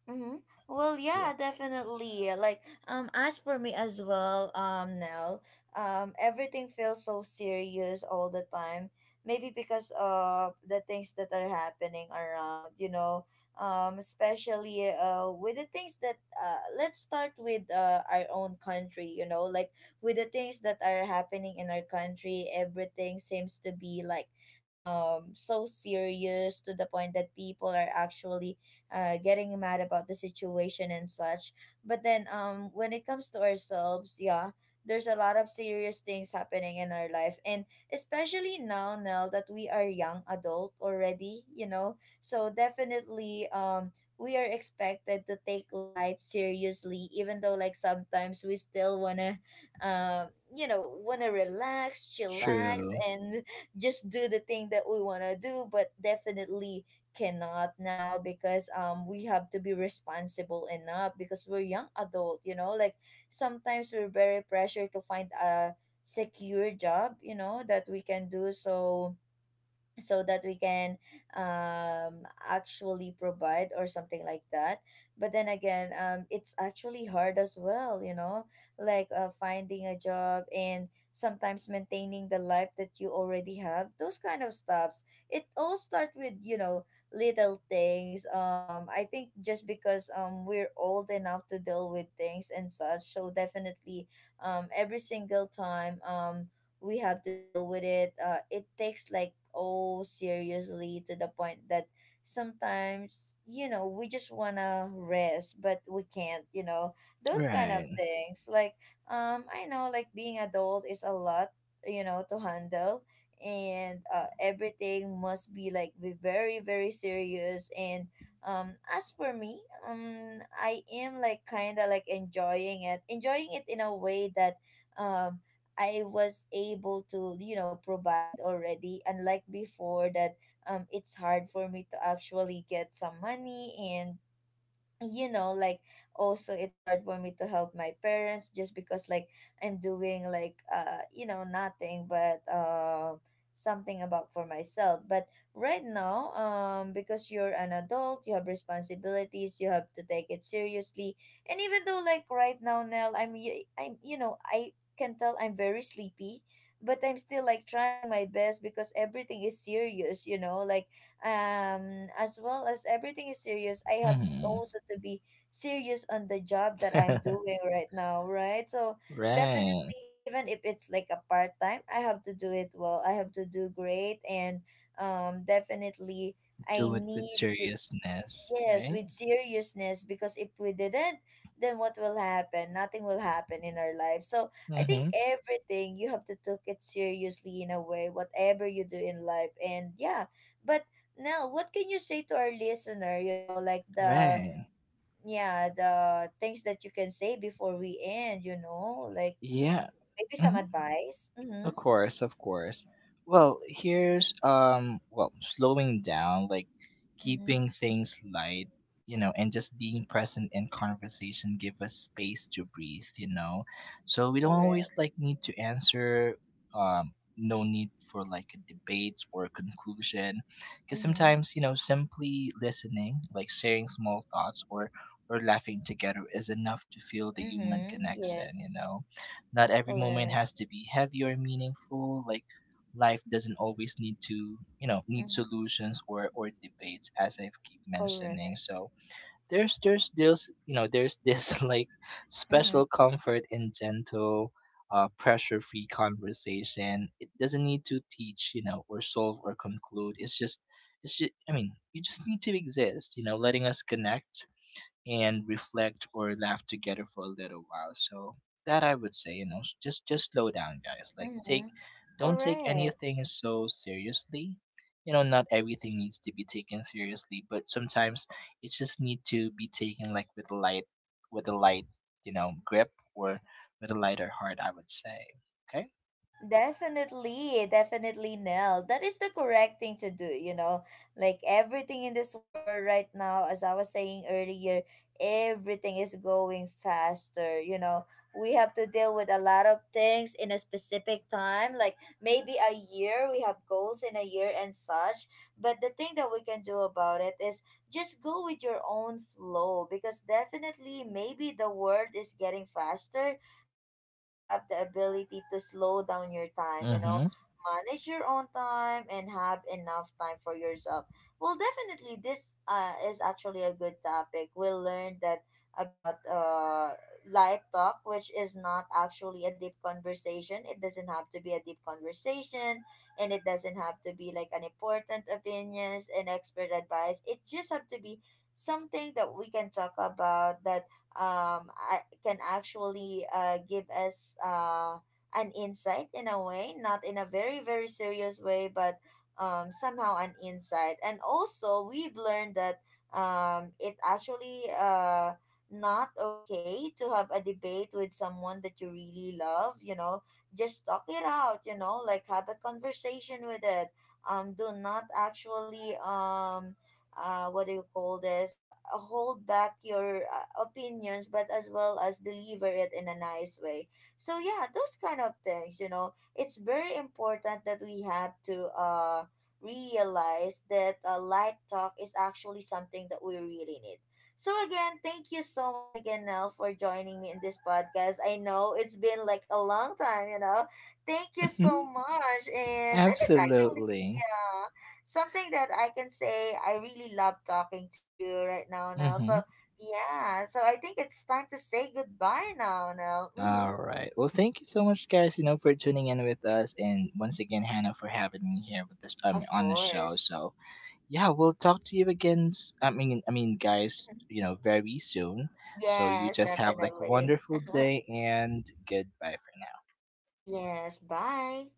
Mm-hmm. Well, yeah, yeah, definitely. Like, as for me as well, Nell, everything feels so serious all the time. Maybe because of the things that are happening around, you know, especially with the things that let's start with our own country, you know, like with the things that are happening in our country, everything seems to be like, so serious to the point that people are actually getting mad about the situation and such. But then, when it comes to ourselves, yeah, there's a lot of serious things happening in our life. And especially now, Nell, that we are young adult already, you know. So definitely, we are expected to take life seriously, even though like sometimes we still want to, um, you know, want to relax, chillax, true, and *laughs* just do the thing that we want to do. But definitely, cannot now because we have to be responsible enough because we're young adult, you know, like sometimes we're very pressured to find a secure job, you know, that we can do, so that we can, actually provide or something like that. But then again, it's actually hard as well, you know, like finding a job and sometimes maintaining the life that you already have, those kind of stuffs. It all start with, you know, little things. I think just because we're old enough to deal with things and such, so definitely, every single time, we have to deal with it. It takes like oh seriously to the point that sometimes, you know, we just wanna rest but we can't. You know those kind of right. things. Like, I know, like being adult is a lot, you know, to handle, and everything must be like be very very serious, and as for me, I am like kind of like enjoying it in a way that, um I was able to, you know, provide already, unlike before that, it's hard for me to actually get some money, and you know, like also it's hard for me to help my parents just because like I'm doing like you know nothing but something about for myself. But right now, because you're an adult, you have responsibilities, you have to take it seriously. And even though like right now, Nell, I'm you know, I can tell I'm very sleepy, but I'm still like trying my best because everything is serious, you know, like, as well as everything is serious, I have Hmm. also to be serious on the job that I'm *laughs* doing right now, right? So Right. definitely, even if it's like a part time, I have to do it well. I have to do great, and definitely I Do it with need to. seriousness, Yes, right. with seriousness, because if we didn't, then what will happen? Nothing will happen in our life. So I think Hmm. everything, you have to take it seriously in a way, whatever you do in life, and yeah, but. Now, what can you say to our listener, you know, like the Right. yeah the things that you can say before we end, you know, like Yeah. maybe some Hmm. advice. Mm-hmm. Of course, of course. Well, here's well, slowing down, like Mm-hmm. keeping things light, you know, and just being present in conversation give us space to breathe, you know. So we don't always Correct. like need to answer. No need for like a debate or a conclusion, because Mm-hmm. sometimes, you know, simply listening, like sharing small thoughts or laughing together is enough to feel the human Mm-hmm. connection, you Yes. know. Not every moment Correct. has to be heavy or meaningful. Like, life doesn't always need to, you know, need Mm-hmm. solutions or debates as I've keep mentioning. Correct. So there's this, you know, there's this *laughs* like Mm-hmm. special comfort in gentle pressure-free conversation. It doesn't need to teach, you know, or solve or conclude. It's just, it's just, I mean, you just need to exist, you know, letting us connect and reflect or laugh together for a little while. So that I would say, you know, just slow down, guys. Like, take, Mm-hmm. don't take Correct. anything so seriously. You know, not everything needs to be taken seriously, but sometimes it just need to be taken like with a light, you know, grip or with a lighter heart. I would say, okay. Definitely, definitely, Nell. That is the correct thing to do, you know. Like everything in this world right now, as I was saying earlier, everything is going faster, you know. We have to deal with a lot of things in a specific time, like maybe a year, we have goals in a year and such. But the thing that we can do about it is just go with your own flow, because definitely maybe the world is getting faster, but you have the ability to slow down your time, you know, Mm-hmm. manage your own time and have enough time for yourself. Well, definitely this is actually a good topic. We learned that about light talk, which is not actually a deep conversation. It doesn't have to be a deep conversation, and it doesn't have to be like an important opinions and expert advice. It just have to be something that we can talk about that, can actually give us an insight in a way, not in a very, very serious way, but, somehow an insight. And also, we've learned that, it actually not okay to have a debate with someone that you really love, you know. Just talk it out, you know, like have a conversation with it. Do not actually what do you call this? Hold back your opinions, but as well as deliver it in a nice way. So yeah, those kind of things, you know, it's very important that we have to realize that a light talk is actually something that we really need. So again, thank you so much again, Nell, for joining me in this podcast. I know it's been like a long time, you know. Thank you so Mm-hmm. much, and that is actually Absolutely. yeah something that I can say. I really love talking to you right now, Nell. Mm-hmm. So yeah, so I think it's time to say goodbye now, Nell. Mm-hmm. All right. Well, thank you so much, guys, you know, for tuning in with us, and once again, Hannah, for having me here with this Of on the show. course. So yeah, we'll talk to you again. I mean, guys, you know, very soon. So you Yes, just have like a definitely. wonderful day, and goodbye for now. *laughs* Yes, bye.